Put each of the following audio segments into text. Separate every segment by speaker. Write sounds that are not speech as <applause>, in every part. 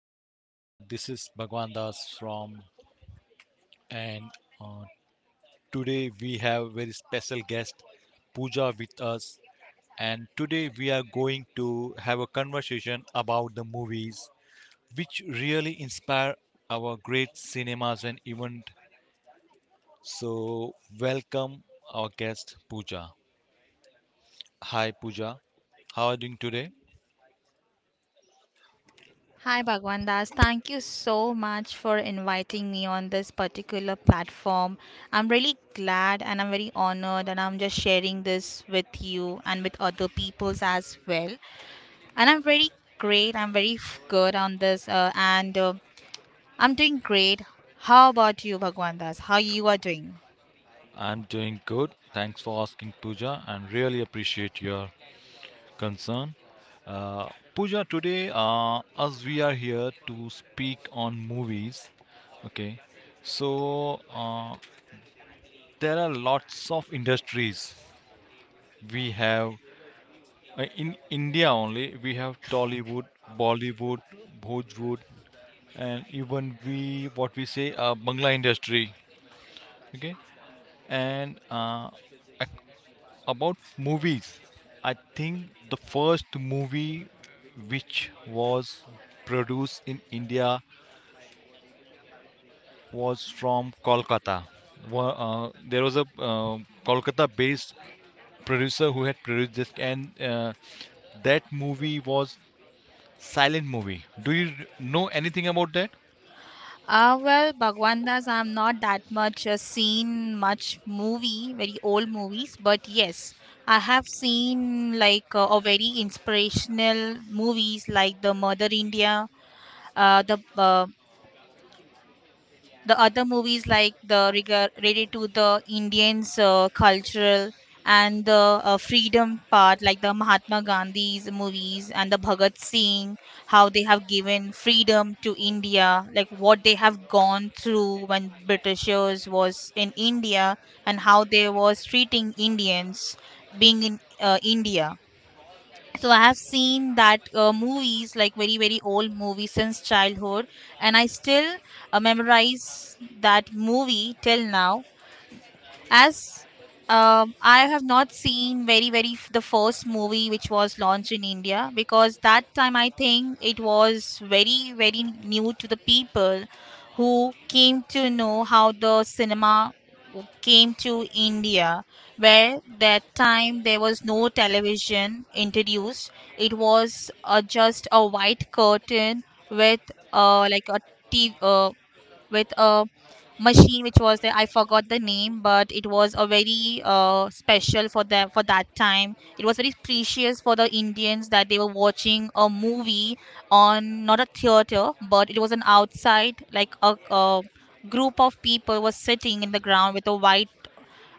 Speaker 1: Hi, this is Bhagwan Das from, and uh, today we have very special guest Pooja with us. And today we are going to have a conversation about the movies which really inspire our great cinemas and event. So, welcome our guest Pooja. Hi, Pooja. How are you doing today?
Speaker 2: Hi Bhagwan Das, thank you so much for inviting me on this particular platform. I'm really glad and I'm very honored and I'm just sharing this with you and with other peoples as well. And I'm very great, I'm very good on this, and I'm doing great. How about you, Bhagwan Das? How you are doing?
Speaker 1: I'm doing good. Thanks for asking, Pooja, and really appreciate your concern. Uh, Pooja, today, as we are here to speak on movies, okay, so there are lots of industries. We have in India only, we have Tollywood, Bollywood, Bhojwood, and even we what we say Bangla industry, okay, and about movies, I think the first movie which was produced in India was from Kolkata. Wa- Uh, there was a uh, Kolkata-based producer who had produced this, and that movie was silent movie. Do you know anything about that?
Speaker 2: Well, Bhagwandas, I'm not that much seen much movie, very old movies, but yes, I have seen like a very inspirational movies like the Mother India, uh, the uh, the other movies like the related to the Indians cultural, and the freedom part, like the Mahatma Gandhi's movies and the Bhagat Singh, how they have given freedom to India, like what they have gone through when Britishers was in India and how they was treating Indians being in India. So I have seen that movies, like very very old movies, since childhood. And I still memorize that movie till now, as I have not seen very very the first movie which was launched in India, because that time I think it was very very new to the people who came to know how the cinema came to India, where that time there was no television introduced. It was just a white curtain with, like a TV, with a machine which was there. I forgot the name, but it was a very special for them for that time. It was very precious for the Indians that they were watching a movie on not a theater, but it was an outside, like a group of people was sitting in the ground with a white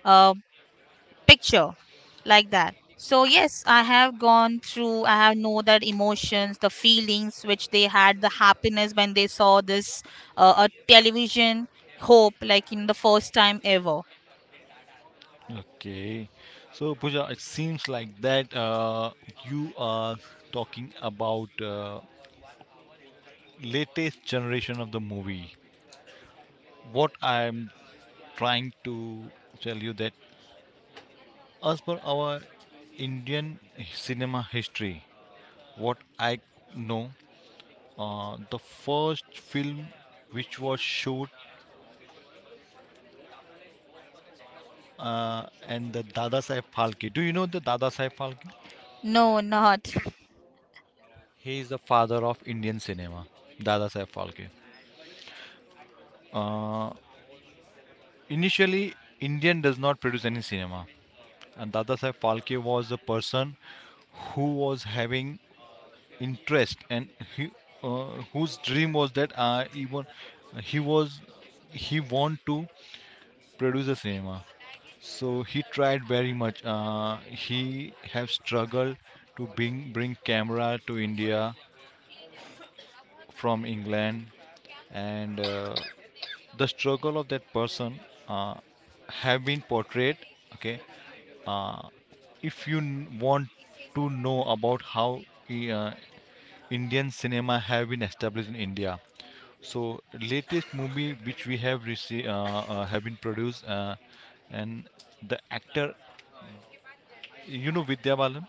Speaker 2: uh, picture like that. So yes, I have gone through, I have know that emotions, the feelings which they had, the happiness when they saw this a television hope, like in the first time ever.
Speaker 1: Okay, so Pooja, it seems like that you are talking about latest generation of the movie. What I'm trying to tell you that as per our Indian cinema history, what I know, the first film which was shot, and the Dada Saheb Phalke. Do you know the Dada Saheb Phalke?
Speaker 2: No, not.
Speaker 1: He is the father of Indian cinema, Dada Saheb Phalke. Uh, Initially, Indian does not produce any cinema, and Dada Saheb Phalke was the person who was having interest and he, uh, whose dream was that even he was he want to produce a cinema. So he tried very much, he have struggled to bring camera to India from England. And the struggle of that person uh, have been portrayed. Okay, uh, if you want to know about how uh, Indian cinema have been established in India. So latest movie which we have received, have been produced, and the actor, you know, Vidya Balan.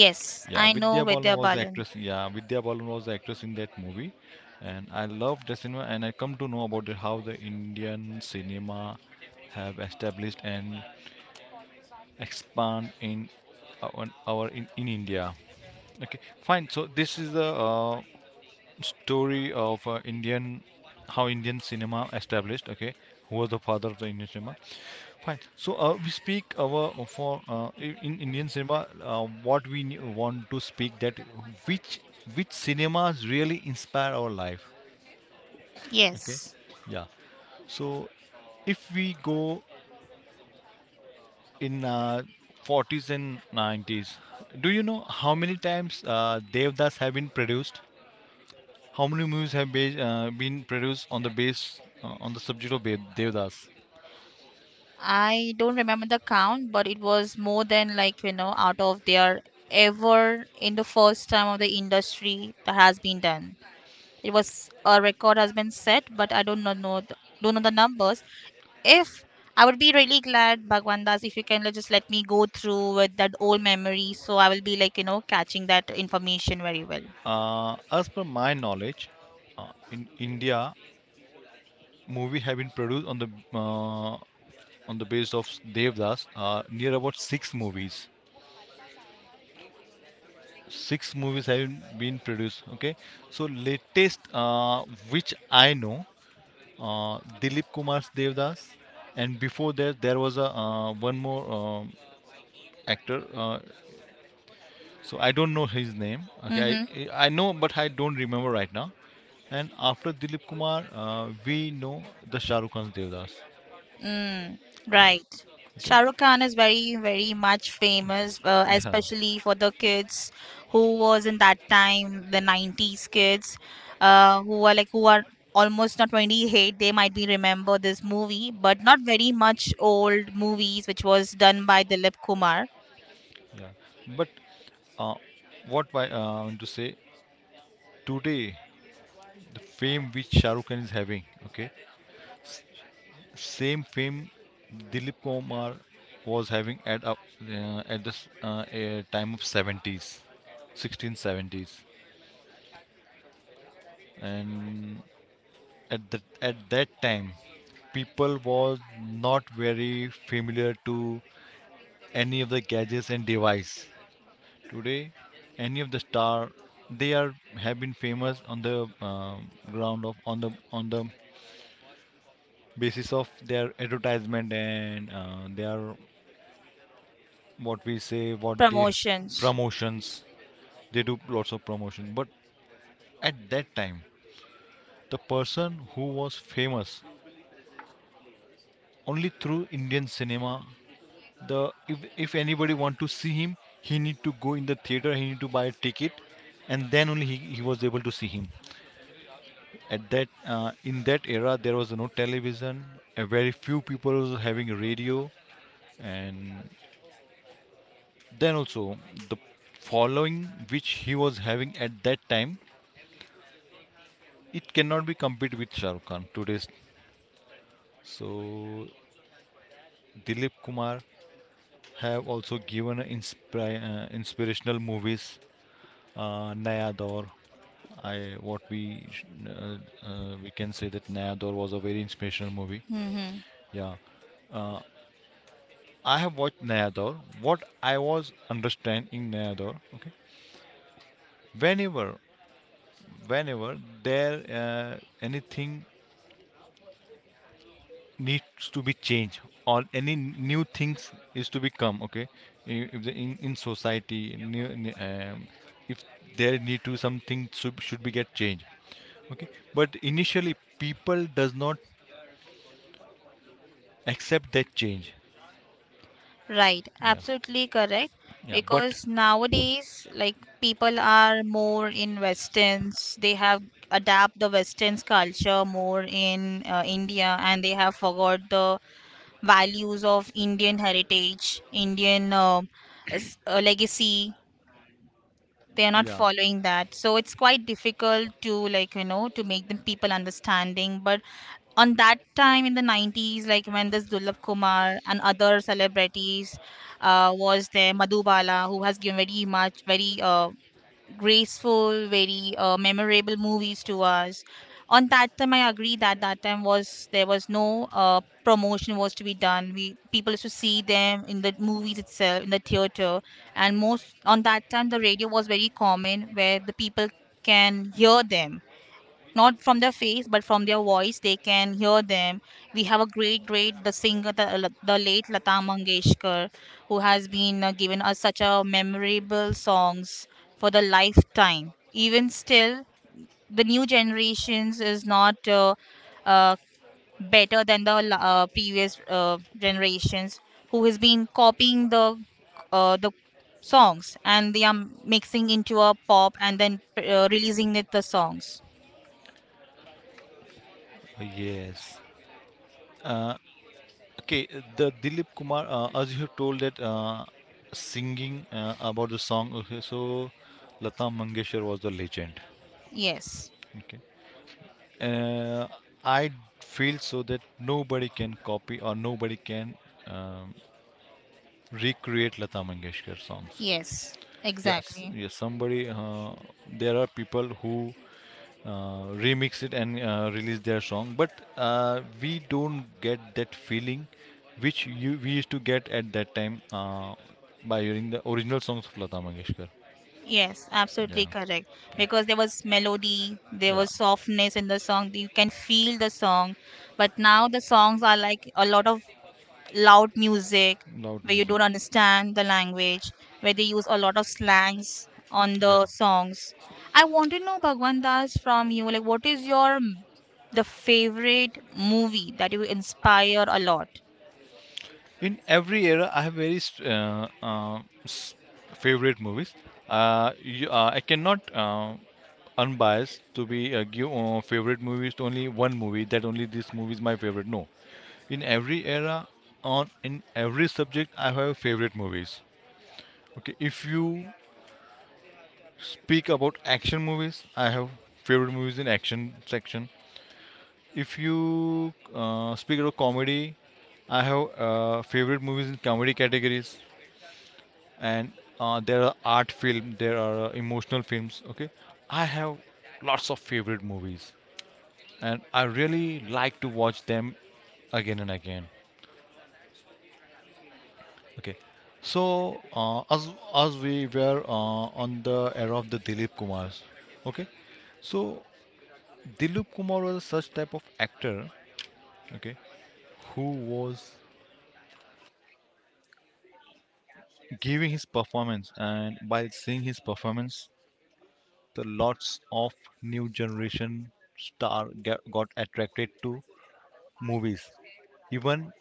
Speaker 2: Yes,
Speaker 1: Yeah,
Speaker 2: I know
Speaker 1: Vidya Balan
Speaker 2: Vidya
Speaker 1: was the Balan.
Speaker 2: Balan.
Speaker 1: actress, yeah, Vidya Balan was the actress in that movie, and I love the cinema and I come to know about how the Indian cinema have established and expand in our in India. Okay, fine. So this is the story of Indian, how Indian cinema established. Okay, who was the father of the Indian cinema? Fine. So we speak our for in Indian cinema. What we want to speak that which which cinemas really inspire our life. Okay,
Speaker 2: Yes.
Speaker 1: yeah. So if we go in 40s and 90s, do you know how many times Devdas have been produced? How many movies have been produced on the base, on the subject of Devdas?
Speaker 2: I don't remember the count, but it was more than, like, out of their ever in the first time of the industry that has been done. It was a record has been set, but I don't know the, don't know the numbers. If I would be really glad, Bhagwandas, if you can, just let me go through with that old memory, so I will be, like, catching that information very well.
Speaker 1: As per my knowledge, in India, movie have been produced on the uh, on the base of Devdas. Near about six movies. Six movies have been produced. Okay, so latest, which I know, Dilip Kumar's Devdas, and before that there was a, one more, actor. So I don't know his name. Okay,
Speaker 2: Mm-hmm.
Speaker 1: I know, but I don't remember right now. And after Dilip Kumar, we know the Shah Rukh Khan's Devdas.
Speaker 2: Mm, right.
Speaker 1: Okay.
Speaker 2: Shah Rukh Khan is very, very much famous,
Speaker 1: Yeah.
Speaker 2: especially for the kids who was in that time, the 90s kids, who are like, who are almost not 28. They might be remember this movie, but not very much old movies, which was done by Dilip Kumar.
Speaker 1: Yeah, but uh, what I, want to say today, the fame which Shah Rukh Khan is having, okay, same fame Dilip Kumar was having at this, a time of 70s, 1670s, and at that time people was not very familiar to any of the gadgets and device. Today, any of the star they are have been famous on the ground of on the basis of their advertisement and, their what we say what they
Speaker 2: Promotions.
Speaker 1: promotions. They do lots of promotion. But at that time, the person who was famous only through Indian cinema, the, if, if anybody want to see him, he need to go in the theater, he need to buy a ticket, and then only he was able to see him. At that In that era there was no television, a very few people was having radio, and then also the following which he was having at that time, it cannot be compared with Shah Rukh Khan today's. So Dilip Kumar have also given inspirational movies, Naya Daur. I what we sh- uh, we can say that Naya Daur was a very inspirational movie.
Speaker 2: Mm-hmm.
Speaker 1: Yeah, uh, I have watched Naya Daur. What I was understanding Naya Daur, okay, whenever whenever there, uh, anything needs to be changed or any new things is to become, okay, if the, in society new, if there need to something should be get changed, okay, but initially people does not accept that change.
Speaker 2: Right,
Speaker 1: Yeah.
Speaker 2: absolutely correct.
Speaker 1: Yeah,
Speaker 2: Because nowadays, like, people are more in westerns. They have adapt the westerns culture more in India, and they have forgot the
Speaker 1: but
Speaker 2: values of Indian heritage, Indian legacy. They are not following that, so it's quite difficult to, like, to make them people understanding. But on that time in the 90s, like when this Dulab Kumar and other celebrities was there, Madhubala, who has given very much very graceful, very memorable movies to us. On that time I agree that that time was, there was no uh, promotion was to be done. We people used to see them in the movies itself, in the theater. And most on that time, the radio was very common, where the people can hear them not from their face but from their voice, they can hear them. We have a great, great, the singer, the late Lata Mangeshkar, who has been given us such a memorable songs for the lifetime. Even still, the new generations is not uh, better than the previous generations, who has been copying the the songs, and they are mixing into a pop and then releasing it the songs.
Speaker 1: Yes. Uh, okay, the Dilip Kumar, as you have told that, singing, about the song, okay, so Lata Mangeshkar was the legend.
Speaker 2: Yes.
Speaker 1: Okay. uh, I feel so that nobody can copy or nobody can, um, recreate Lata Mangeshkar songs.
Speaker 2: Yes,
Speaker 1: Yes,
Speaker 2: exactly.
Speaker 1: yes. Somebody, there are people who, remix it and, release their song, but, we don't get that feeling which you we used to get at that time, by hearing the original songs of Lata Mangeshkar.
Speaker 2: Yes, absolutely correct. Because there was melody, there was softness in the song. You can feel the song. But now the songs are like a lot of loud music,
Speaker 1: Loud.
Speaker 2: where you don't understand the language, where they use a lot of slangs on the songs. I want to know, Bhagwan Das, from you, like, what is your the favorite movie that you inspire a lot?
Speaker 1: In every era I have very s- favorite movies. You, I cannot, unbiased to be, give, favorite movies to only one movie that only this movie is my favorite. No, in every era, on in every subject I have favorite movies. Okay, if you speak about action movies, I have favorite movies in action section. If you speak about comedy, I have favorite movies in comedy categories. And there are art film, there are, emotional films. Okay, I have lots of favorite movies, and I really like to watch them again and again. Okay, so as we were, on the era of the Dilip Kumar. Okay, so Dilip Kumar was such type of actor, okay, who was giving his performance, and by seeing his performance, the lots of new generation star got attracted to movies. Even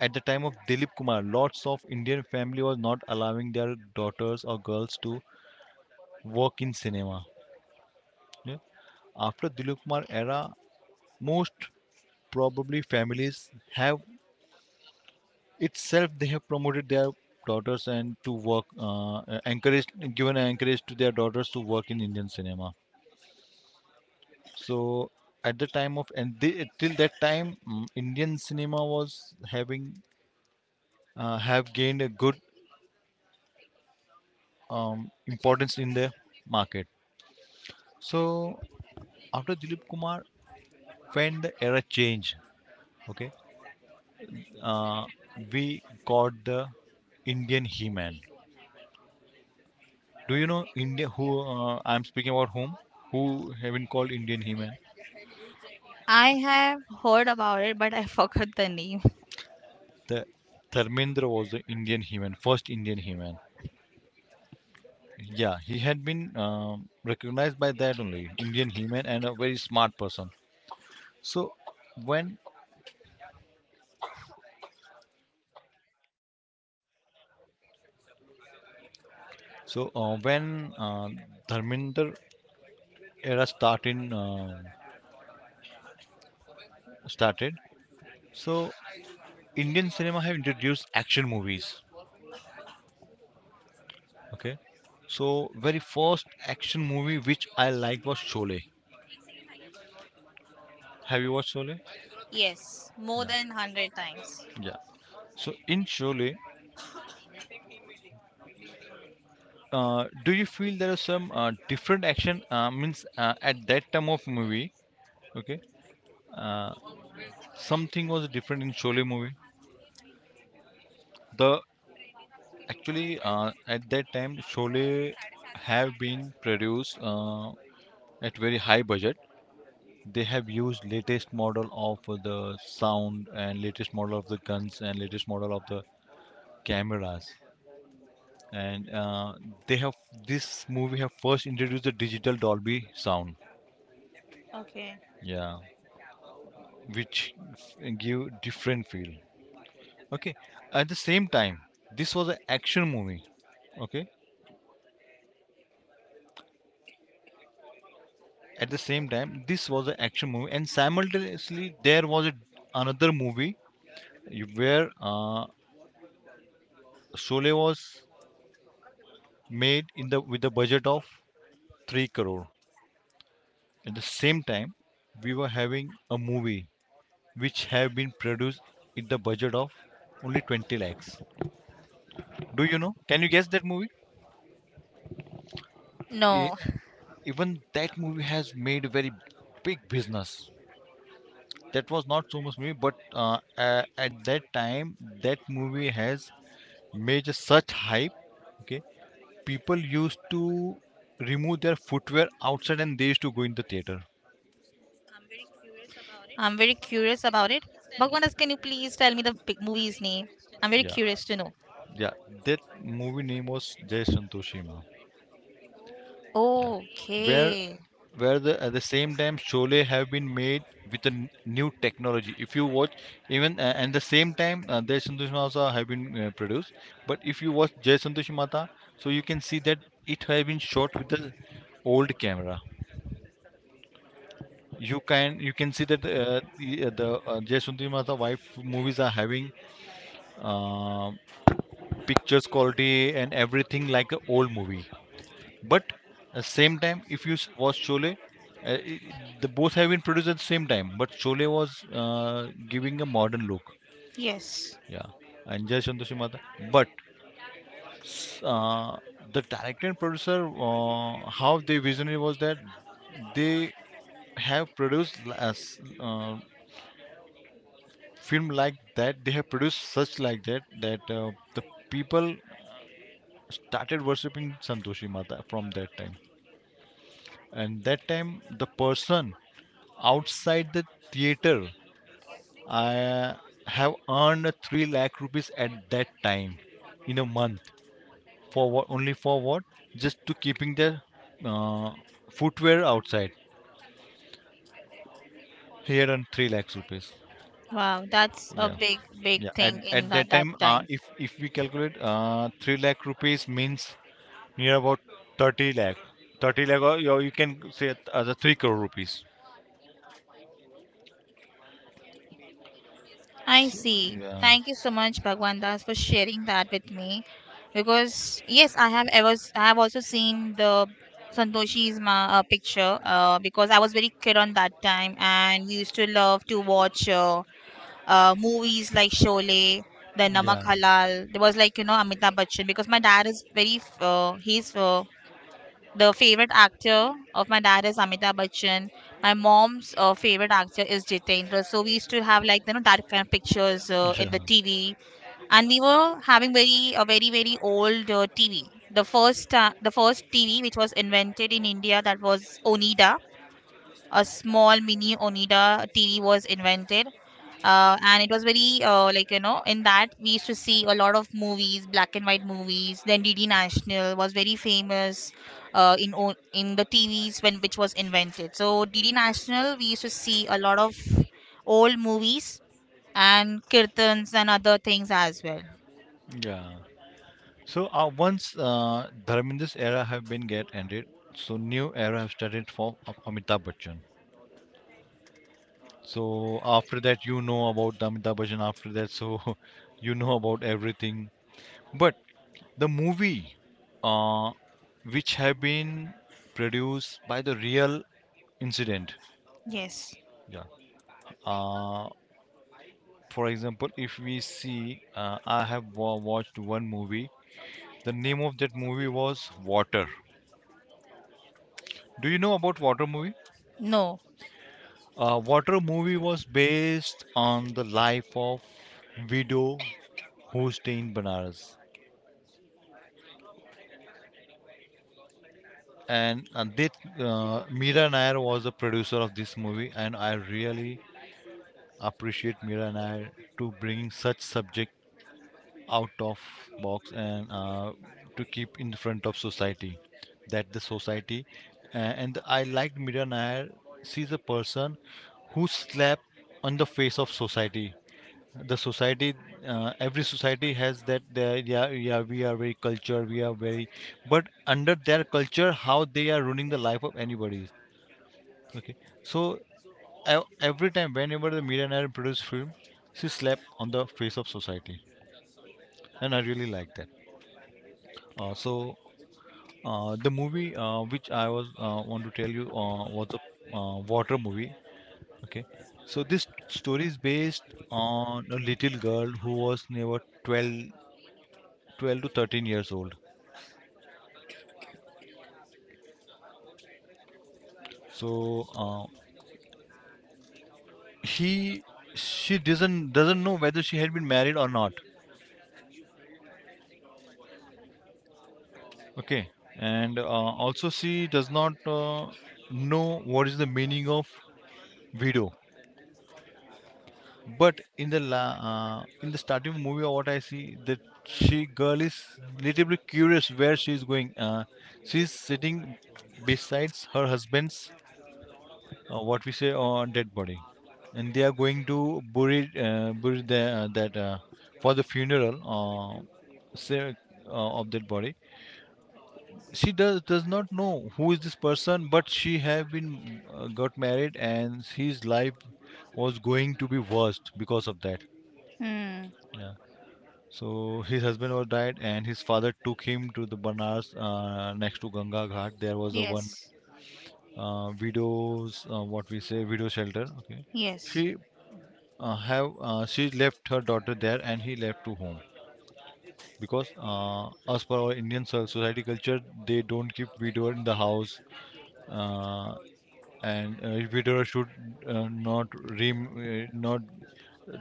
Speaker 1: at the time of Dilip Kumar, lots of Indian family was not allowing their daughters or girls to work in cinema. Yeah. After Dilip Kumar era, most probably families have itself they have promoted their daughters and to work, encouraged, given an encourage to their daughters to work in Indian cinema. So at the time of and the, till that time, Indian cinema was having have gained a good, importance in the market. So after Dilip Kumar, when the era changed, okay, uh, we got the Indian He-Man. Do you know India? Who I'm speaking about whom? Who have been called Indian He-Man?
Speaker 2: I have heard about it, but I <laughs> forgot the name.
Speaker 1: The Dharmendra was the Indian He-Man, first Indian He-Man. Yeah, he had been, recognized by that only Indian human and a very smart person. So when when, Dharminder era started, so Indian cinema have introduced action movies. Okay, so very first action movie which I liked was Sholay. Have you watched Sholay?
Speaker 2: Yes, more than 100 times.
Speaker 1: Yeah. So in Sholay, do you feel there are some different action, means, at that time of movie? Okay. Uh, Something was different in Sholay movie. The Actually, at that time Sholay have been produced, at very high budget. They have used latest model of the sound and latest model of the guns and latest model of the cameras. And they have this movie have first introduced the digital Dolby sound.
Speaker 2: Okay.
Speaker 1: Yeah, which give different feel. Okay, at the same time, this was an action movie. Okay, at the same time, this was an action movie, and simultaneously there was a, another movie where, Sole was made in the, with a budget of 3 crore. At the same time, we were having a movie which have been produced with the budget of only 20 lakhs. Do you know? Can you guess that movie? E-
Speaker 2: No,
Speaker 1: Even that movie has made a very big business. That was not so much movie, but, at that time, that movie has made such hype. Okay, people used to remove their footwear outside and they used to go in the theater. I'm
Speaker 2: I'm
Speaker 1: very very
Speaker 2: very
Speaker 1: curious
Speaker 2: curious
Speaker 1: about
Speaker 2: about it.
Speaker 1: it. Bhagwandas,
Speaker 2: Bhagwandas,
Speaker 1: can
Speaker 2: can
Speaker 1: you
Speaker 2: you
Speaker 1: please
Speaker 2: please
Speaker 1: tell
Speaker 2: tell
Speaker 1: me
Speaker 2: me
Speaker 1: the
Speaker 2: the big
Speaker 1: movie's
Speaker 2: movie's name?
Speaker 1: name? I'm
Speaker 2: I'm
Speaker 1: very
Speaker 2: very
Speaker 1: curious
Speaker 2: curious
Speaker 1: to
Speaker 2: to
Speaker 1: know.
Speaker 2: know.
Speaker 1: Yeah. Yeah, that movie name was Jay Ma.
Speaker 2: Okay.
Speaker 1: where where the, at the same time Sholay have been made with a new technology. If you watch, even, and the same time, Jai Santosh Mata have been, produced. But if you watch Jai Santosh Mata, so you can see that it have been shot with the old camera. You can see that the Jai Santosh Mata wife movies are having uh, pictures quality and everything like a old movie, but at same time if watch Chole, i- the both have been produced at the same time, but Chole was giving a modern look.
Speaker 2: Yes.
Speaker 1: Yeah. And Jai Mata. But uh, the director and producer, how they visionary was that they have produced as film like that, they have produced such like that, that the people started worshipping Santoshi Mata from that time. And that time, the person outside the theater, I have earned 3 lakh rupees at that time in a month. For what, only for what? Just to keeping the uh, footwear outside. Here on 3 lakhs rupees.
Speaker 2: Wow, that's a
Speaker 1: Yeah,
Speaker 2: big, big
Speaker 1: yeah, at,
Speaker 2: thing
Speaker 1: at
Speaker 2: in that,
Speaker 1: that time,
Speaker 2: that time.
Speaker 1: if we calculate, 3 lakh rupees means near about 30 lakh. 30 lakh, or you can say it as a 3 crore rupees.
Speaker 2: I
Speaker 1: So,
Speaker 2: see.
Speaker 1: yeah.
Speaker 2: Thank you so much, Bhagwan Das, for sharing that with me. Because yes, I have I have also seen the picture, because I was very kid on that time, and we used to love to watch movies like Sholay, the Namak Halal. There was, like, Amitabh Bachchan, because my dad is very f- he's the favorite actor of my dad is Amitabh Bachchan. My mom's favorite actor is Jitendra. So we used to have, like, that kind of pictures in the TV, and we were having very a very very old TV. The first TV which was invented in India, that was Onida. A small mini Onida TV was invented, and it was very like, in that we used to see a lot of movies, black and white movies. Then DD National was very famous, in the TVs when which was invented. So DD National, we used to see a lot of old movies and kirtans and other things as well.
Speaker 1: Yeah. So once, Dharminder's era have been get ended, so new era have started for Amitabh Bachchan. So after that, you know about the Amitabh Bachchan. After that, so <laughs> you know about everything. But the movie, uh, which have been produced by the real incident.
Speaker 2: Yes.
Speaker 1: Yeah. Uh, for example, if we see, I have watched one movie. The name of that movie was Water. Do you know about Water movie?
Speaker 2: No.
Speaker 1: Water movie was based on the life of widow who stayed in Banaras. And that Meera Nair was the producer of this movie, and I really appreciate Meera Nair to bring such subject out of box, and to keep in front of society. That the society. And I liked Meera Nair. She's a person who slapped on the face of society, the society, every society has that, they- yeah, yeah, we are very cultured, we are very, but under their culture, how they are ruining the life of anybody. Okay. So every time, whenever the millionaire produced film, she slapped on the face of society, and I really like that. So the movie, which I was want to tell you, was a Water movie. Okay. So this story is based on a little girl who was never 12, 12 to 13 years old. So he she doesn't know whether she had been married or not. Okay. And also she does not know what is the meaning of widow. But in the starting of movie, what I see that she girl is little bit curious where she is going. She is sitting besides her husband's, what we say, on dead body, and they are going to bury the, that, for the funeral, say, of that body. She does not know who is this person, but she have been got married, and his life was going to be worst because of that.
Speaker 2: Hmm.
Speaker 1: Yeah. So his husband was died, and his father took him to the Banaras, next to Ganga Ghat there was a one
Speaker 2: Yes.
Speaker 1: widows, what we say, widow shelter. Okay. She
Speaker 2: Yes.
Speaker 1: have she left her daughter there, and he left to home, because as per our Indian society culture, they don't keep widower in the house. uh, and widower should, not, re- not,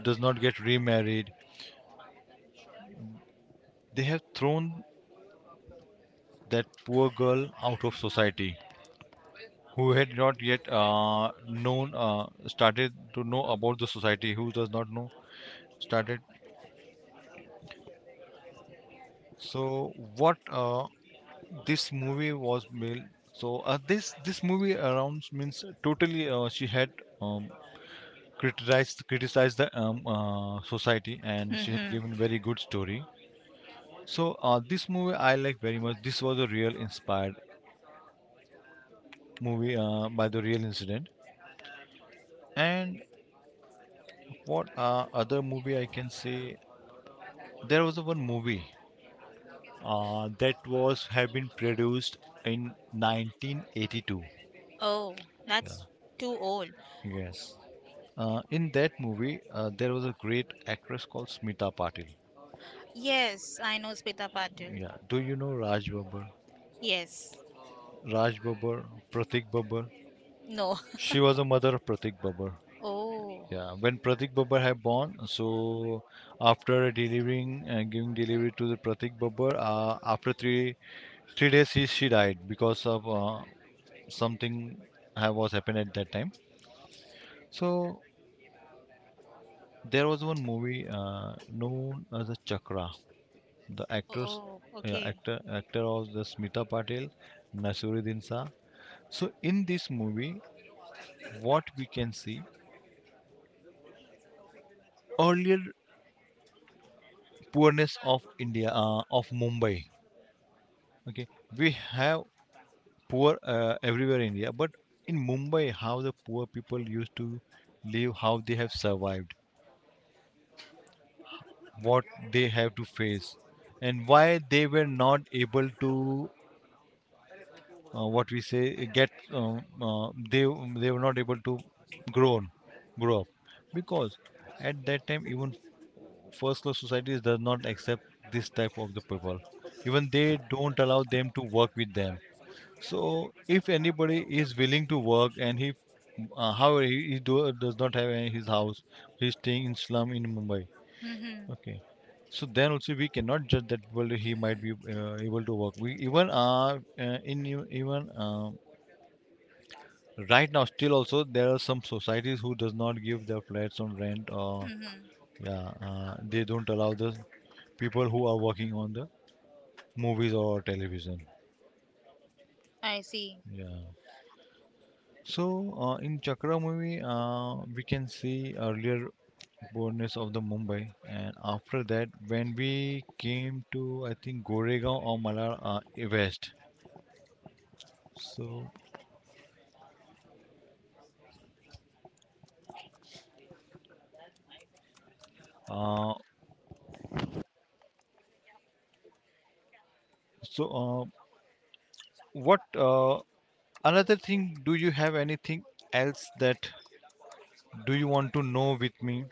Speaker 1: does not get remarried. They have thrown that poor girl out of society, who had not yet known, started to know about the society, who does not know, started. So what, this movie was made. So this movie around means totally, she had, um, criticized the society, and she had
Speaker 2: Mm-hmm.
Speaker 1: given very good story. So this movie I like very much. This was a real inspired movie by the real incident. And what other movie I can say, there was a one movie that was have been produced in 1982.
Speaker 2: Oh. That's too old.
Speaker 1: Yes. In that movie, there was a great actress called Smita Patil.
Speaker 2: Yes, I know Smita Patil.
Speaker 1: Yeah, do you know Raj Babbar?
Speaker 2: Yes.
Speaker 1: Raj Babbar, Pratik Babbar.
Speaker 2: No. <laughs>
Speaker 1: She was a mother of Pratik Babbar.
Speaker 2: Oh.
Speaker 1: Yeah, when Pratik Babbar had born, so after delivering and giving delivery to the Pratik Babbar, after three three days she died because of something was happened at that time. So there was one movie known as a Chakra. The actors,
Speaker 2: Oh, okay.
Speaker 1: actor of the Smita Patel, Nasiruddin Shah. So in this movie, what we can see earlier poorness of India, of Mumbai. Okay, we have poor everywhere in India, but in Mumbai, how the poor people used to live, how they have survived, what they have to face, and why they were not able to, what we say, get, they were not able to grow on, grow up, because at that time even first class societies does not accept this type of the people, even they don't allow them to work with them. So if anybody is willing to work, and he, however he do, does not have any, his house, he's staying in slum in Mumbai.
Speaker 2: Mm-hmm.
Speaker 1: Okay. So then also we cannot judge that, well, he might be able to work. We even, in, even, right now still also there are some societies who does not give their flats on rent, or
Speaker 2: Mm-hmm.
Speaker 1: yeah, they don't allow the people who are working on the movies or television.
Speaker 2: I see.
Speaker 1: Yeah. So in Chakra movie, we can see earlier boldness of the Mumbai, and after that, when we came to, I think, Goregaon or Malar West. So uh, so uh, what another thing, do you have anything else, that do you want to know with me?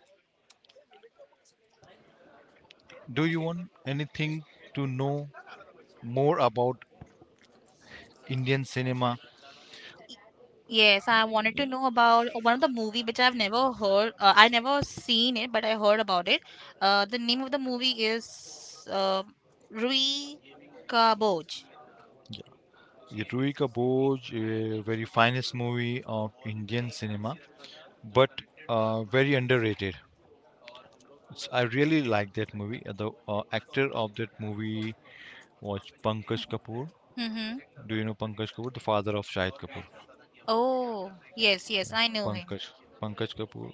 Speaker 1: Do you want anything to know more about Indian cinema? Yes,
Speaker 2: Yes, I
Speaker 1: I wanted
Speaker 2: wanted to
Speaker 1: to
Speaker 2: know
Speaker 1: know
Speaker 2: about
Speaker 1: about
Speaker 2: one
Speaker 1: one
Speaker 2: of the
Speaker 1: of the movie
Speaker 2: movie which
Speaker 1: which
Speaker 2: I've
Speaker 1: I've never
Speaker 2: never heard.
Speaker 1: heard.
Speaker 2: I
Speaker 1: I never
Speaker 2: never seen
Speaker 1: seen it,
Speaker 2: it,
Speaker 1: but
Speaker 2: but
Speaker 1: I
Speaker 2: I heard
Speaker 1: heard about
Speaker 2: about it.
Speaker 1: it.
Speaker 2: The name of the movie is Rui Kaboj.
Speaker 1: Yeah, Ruhi Kapoor, a very finest movie of Indian cinema, but very underrated. I really like that movie. The actor of that movie was Pankaj Kapoor.
Speaker 2: Mm-hmm.
Speaker 1: Do you know Pankaj Kapoor, the father of Shahid Kapoor?
Speaker 2: Oh,
Speaker 1: Yes.
Speaker 2: yes,
Speaker 1: Yes,
Speaker 2: yes,
Speaker 1: I
Speaker 2: I
Speaker 1: know that.
Speaker 2: know him.
Speaker 1: Pankaj Kapoor.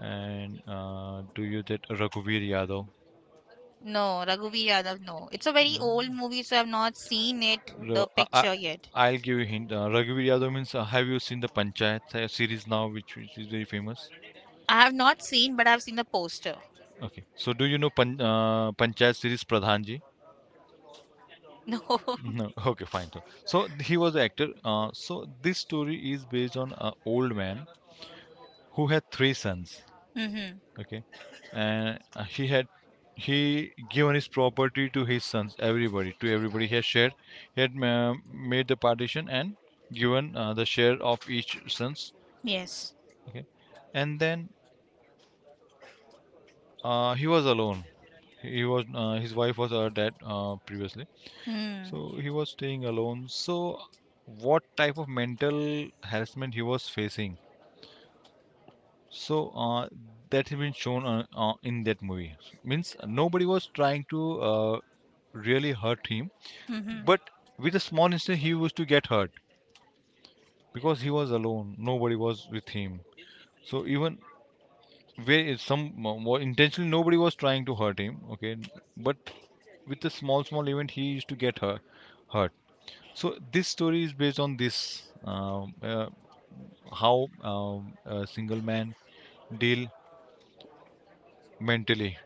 Speaker 1: And do you that Raghuveer Yadav?
Speaker 2: No, Raghuveer Yadav, no. It's
Speaker 1: It's
Speaker 2: a
Speaker 1: a very
Speaker 2: very
Speaker 1: No. old
Speaker 2: old movie,
Speaker 1: movie, so
Speaker 2: so I've
Speaker 1: I've not
Speaker 2: not
Speaker 1: seen
Speaker 2: seen it,
Speaker 1: it.
Speaker 2: the picture yet.
Speaker 1: I'll give you a hint. Raghuveer Yadav means, have you seen the Panchayat series now, which is very famous?
Speaker 2: I
Speaker 1: I
Speaker 2: have
Speaker 1: have
Speaker 2: not
Speaker 1: not
Speaker 2: seen,
Speaker 1: seen, but
Speaker 2: but I've
Speaker 1: I've
Speaker 2: seen
Speaker 1: seen
Speaker 2: the
Speaker 1: the poster.
Speaker 2: poster. <laughs>
Speaker 1: Okay. So do you know Panchayat series Pradhanji?
Speaker 2: No.
Speaker 1: No. <laughs> Okay, fine. So he was an actor. So this story is based on an old man who had three sons.
Speaker 2: Mm-hmm.
Speaker 1: Okay. And he given his property to his sons, everybody, to everybody he had shared. He had made the partition, and given the share of each sons.
Speaker 2: Yes.
Speaker 1: Okay. And then he was alone, he was his wife was dead previously.
Speaker 2: Mm.
Speaker 1: So he was staying alone. So what type of mental harassment he was facing. So uh, that has been shown, in that movie, means nobody was trying to uh, really hurt him.
Speaker 2: Mm-hmm.
Speaker 1: But with a small incident, he used to get hurt, because he was alone. Nobody was with him. So even, where is some more intentionally, nobody was trying to hurt him. Okay. But with a small event, he used to get hurt. Hurt. So this story is based on this, how, a single man deal mentally.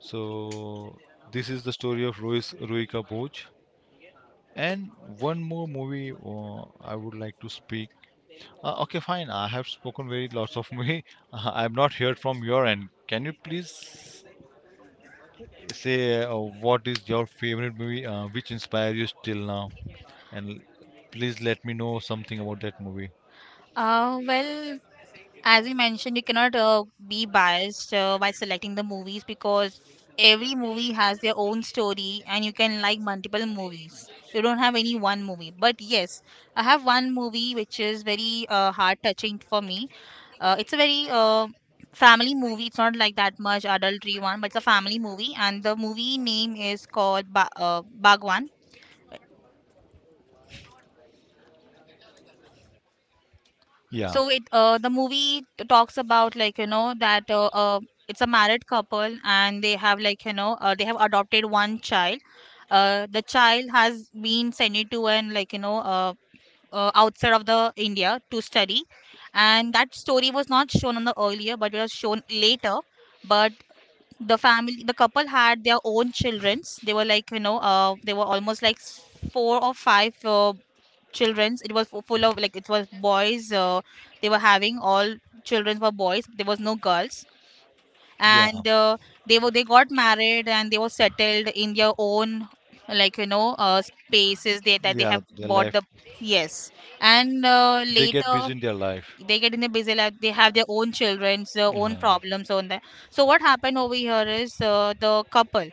Speaker 1: So this is the story of Rohis Rohika Bhoj. And one more movie, I would like to speak. Okay, fine. I have spoken very lots of me. <laughs> I've not heard from your end. Can you please say, what is your favorite movie, which inspires you till now? And please let me know something about that movie.
Speaker 2: Well, as you mentioned, you cannot be biased by selecting the movies, because every movie has their own story and you can like multiple movies. You don't have any one movie. But yes, I have one movie which is very heart touching for me. It's a very family movie. It's not like that much adultery one, but it's a family movie. And the movie name is called Bhagwan.
Speaker 1: Yeah,
Speaker 2: So it talks about, like, that it's a married couple, and they have, like, they have adopted one child. The child has been sent it to an, like, outside of the India to study, and that story was not shown on the earlier, but it was shown later. But the family, the couple had their own childrens. They were, like, they were almost like four or five children's. It was full of, like, it was boys. They were having all children were boys, there was no girls.
Speaker 1: yeah,
Speaker 2: And they got married and they were settled in their own, like, spaces, that they
Speaker 1: yeah.
Speaker 2: have
Speaker 1: Their
Speaker 2: bought
Speaker 1: life,
Speaker 2: the. Yes. And
Speaker 1: they get
Speaker 2: later,
Speaker 1: busy in their life.
Speaker 2: they get in a busy life, they have their own children's, their own
Speaker 1: Yeah.
Speaker 2: problems on that. So what happened over here is, the couple,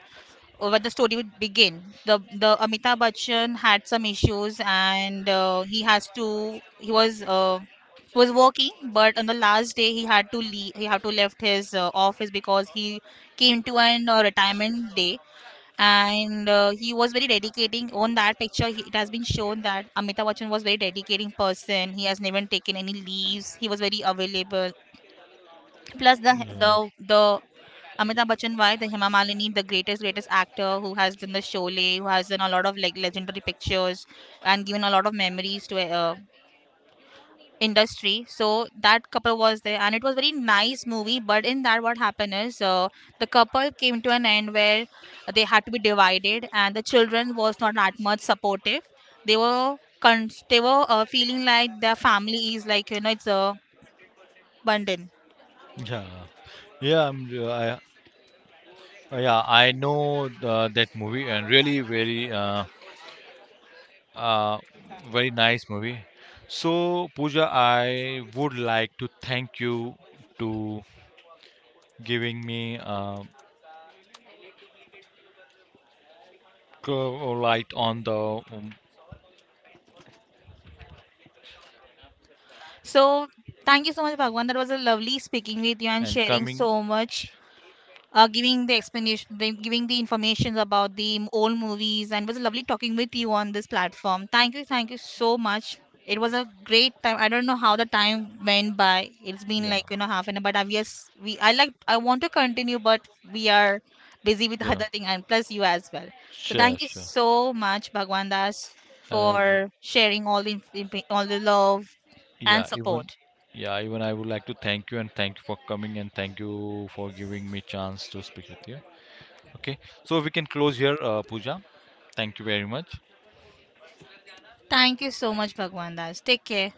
Speaker 2: what the story would begin. The Amitabh Bachchan had some issues, and he has to he was working, but on the last day he had to leave. He had to left his office, because he came to an retirement day. And he was very dedicating on that picture. It has been shown that Amitabh Bachchan was very dedicating person. He has never taken any leaves. He was very available. Plus
Speaker 1: Yeah.
Speaker 2: the the Amitabh Bachchan, why the Hema Malini, the greatest, greatest actor who has done the Sholay, who has done a lot of like legendary pictures and given a lot of memories to industry. So that couple was there, and it was very nice movie. But in that, what happened is, the couple came to an end, where they had to be divided, and the children was not that much supportive. They were feeling like their family is, like, it's a burden.
Speaker 1: Yeah, yeah, I, yeah, I know the, that movie, and really very, uh, very nice movie. So, Pooja, I would like to thank you to giving me light on the, um,
Speaker 2: So, thank you so much, Bhagwan. That was a lovely speaking with you and
Speaker 1: and
Speaker 2: sharing
Speaker 1: coming.
Speaker 2: so much, giving the explanation, giving the information about the old movies, and it was lovely talking with you on this platform. Thank you so much. It was a great time. I don't know how the time went by. It's been,
Speaker 1: Yeah.
Speaker 2: like, half an hour, but I've yes, we I like, I want to continue, but we are busy with <laughs>
Speaker 1: Yeah.
Speaker 2: other thing, and plus you as well. So
Speaker 1: Sure,
Speaker 2: thank you
Speaker 1: sure.
Speaker 2: so much, Bhagwan Das,
Speaker 1: I
Speaker 2: for sharing all the love and
Speaker 1: yeah,
Speaker 2: support.
Speaker 1: even I would like to thank you, and thank you for coming, and thank you for giving me chance to speak with you. Okay. So we can close here, Pooja. Thank you very much.
Speaker 2: Thank you so much, Bhagwan Das. Take care.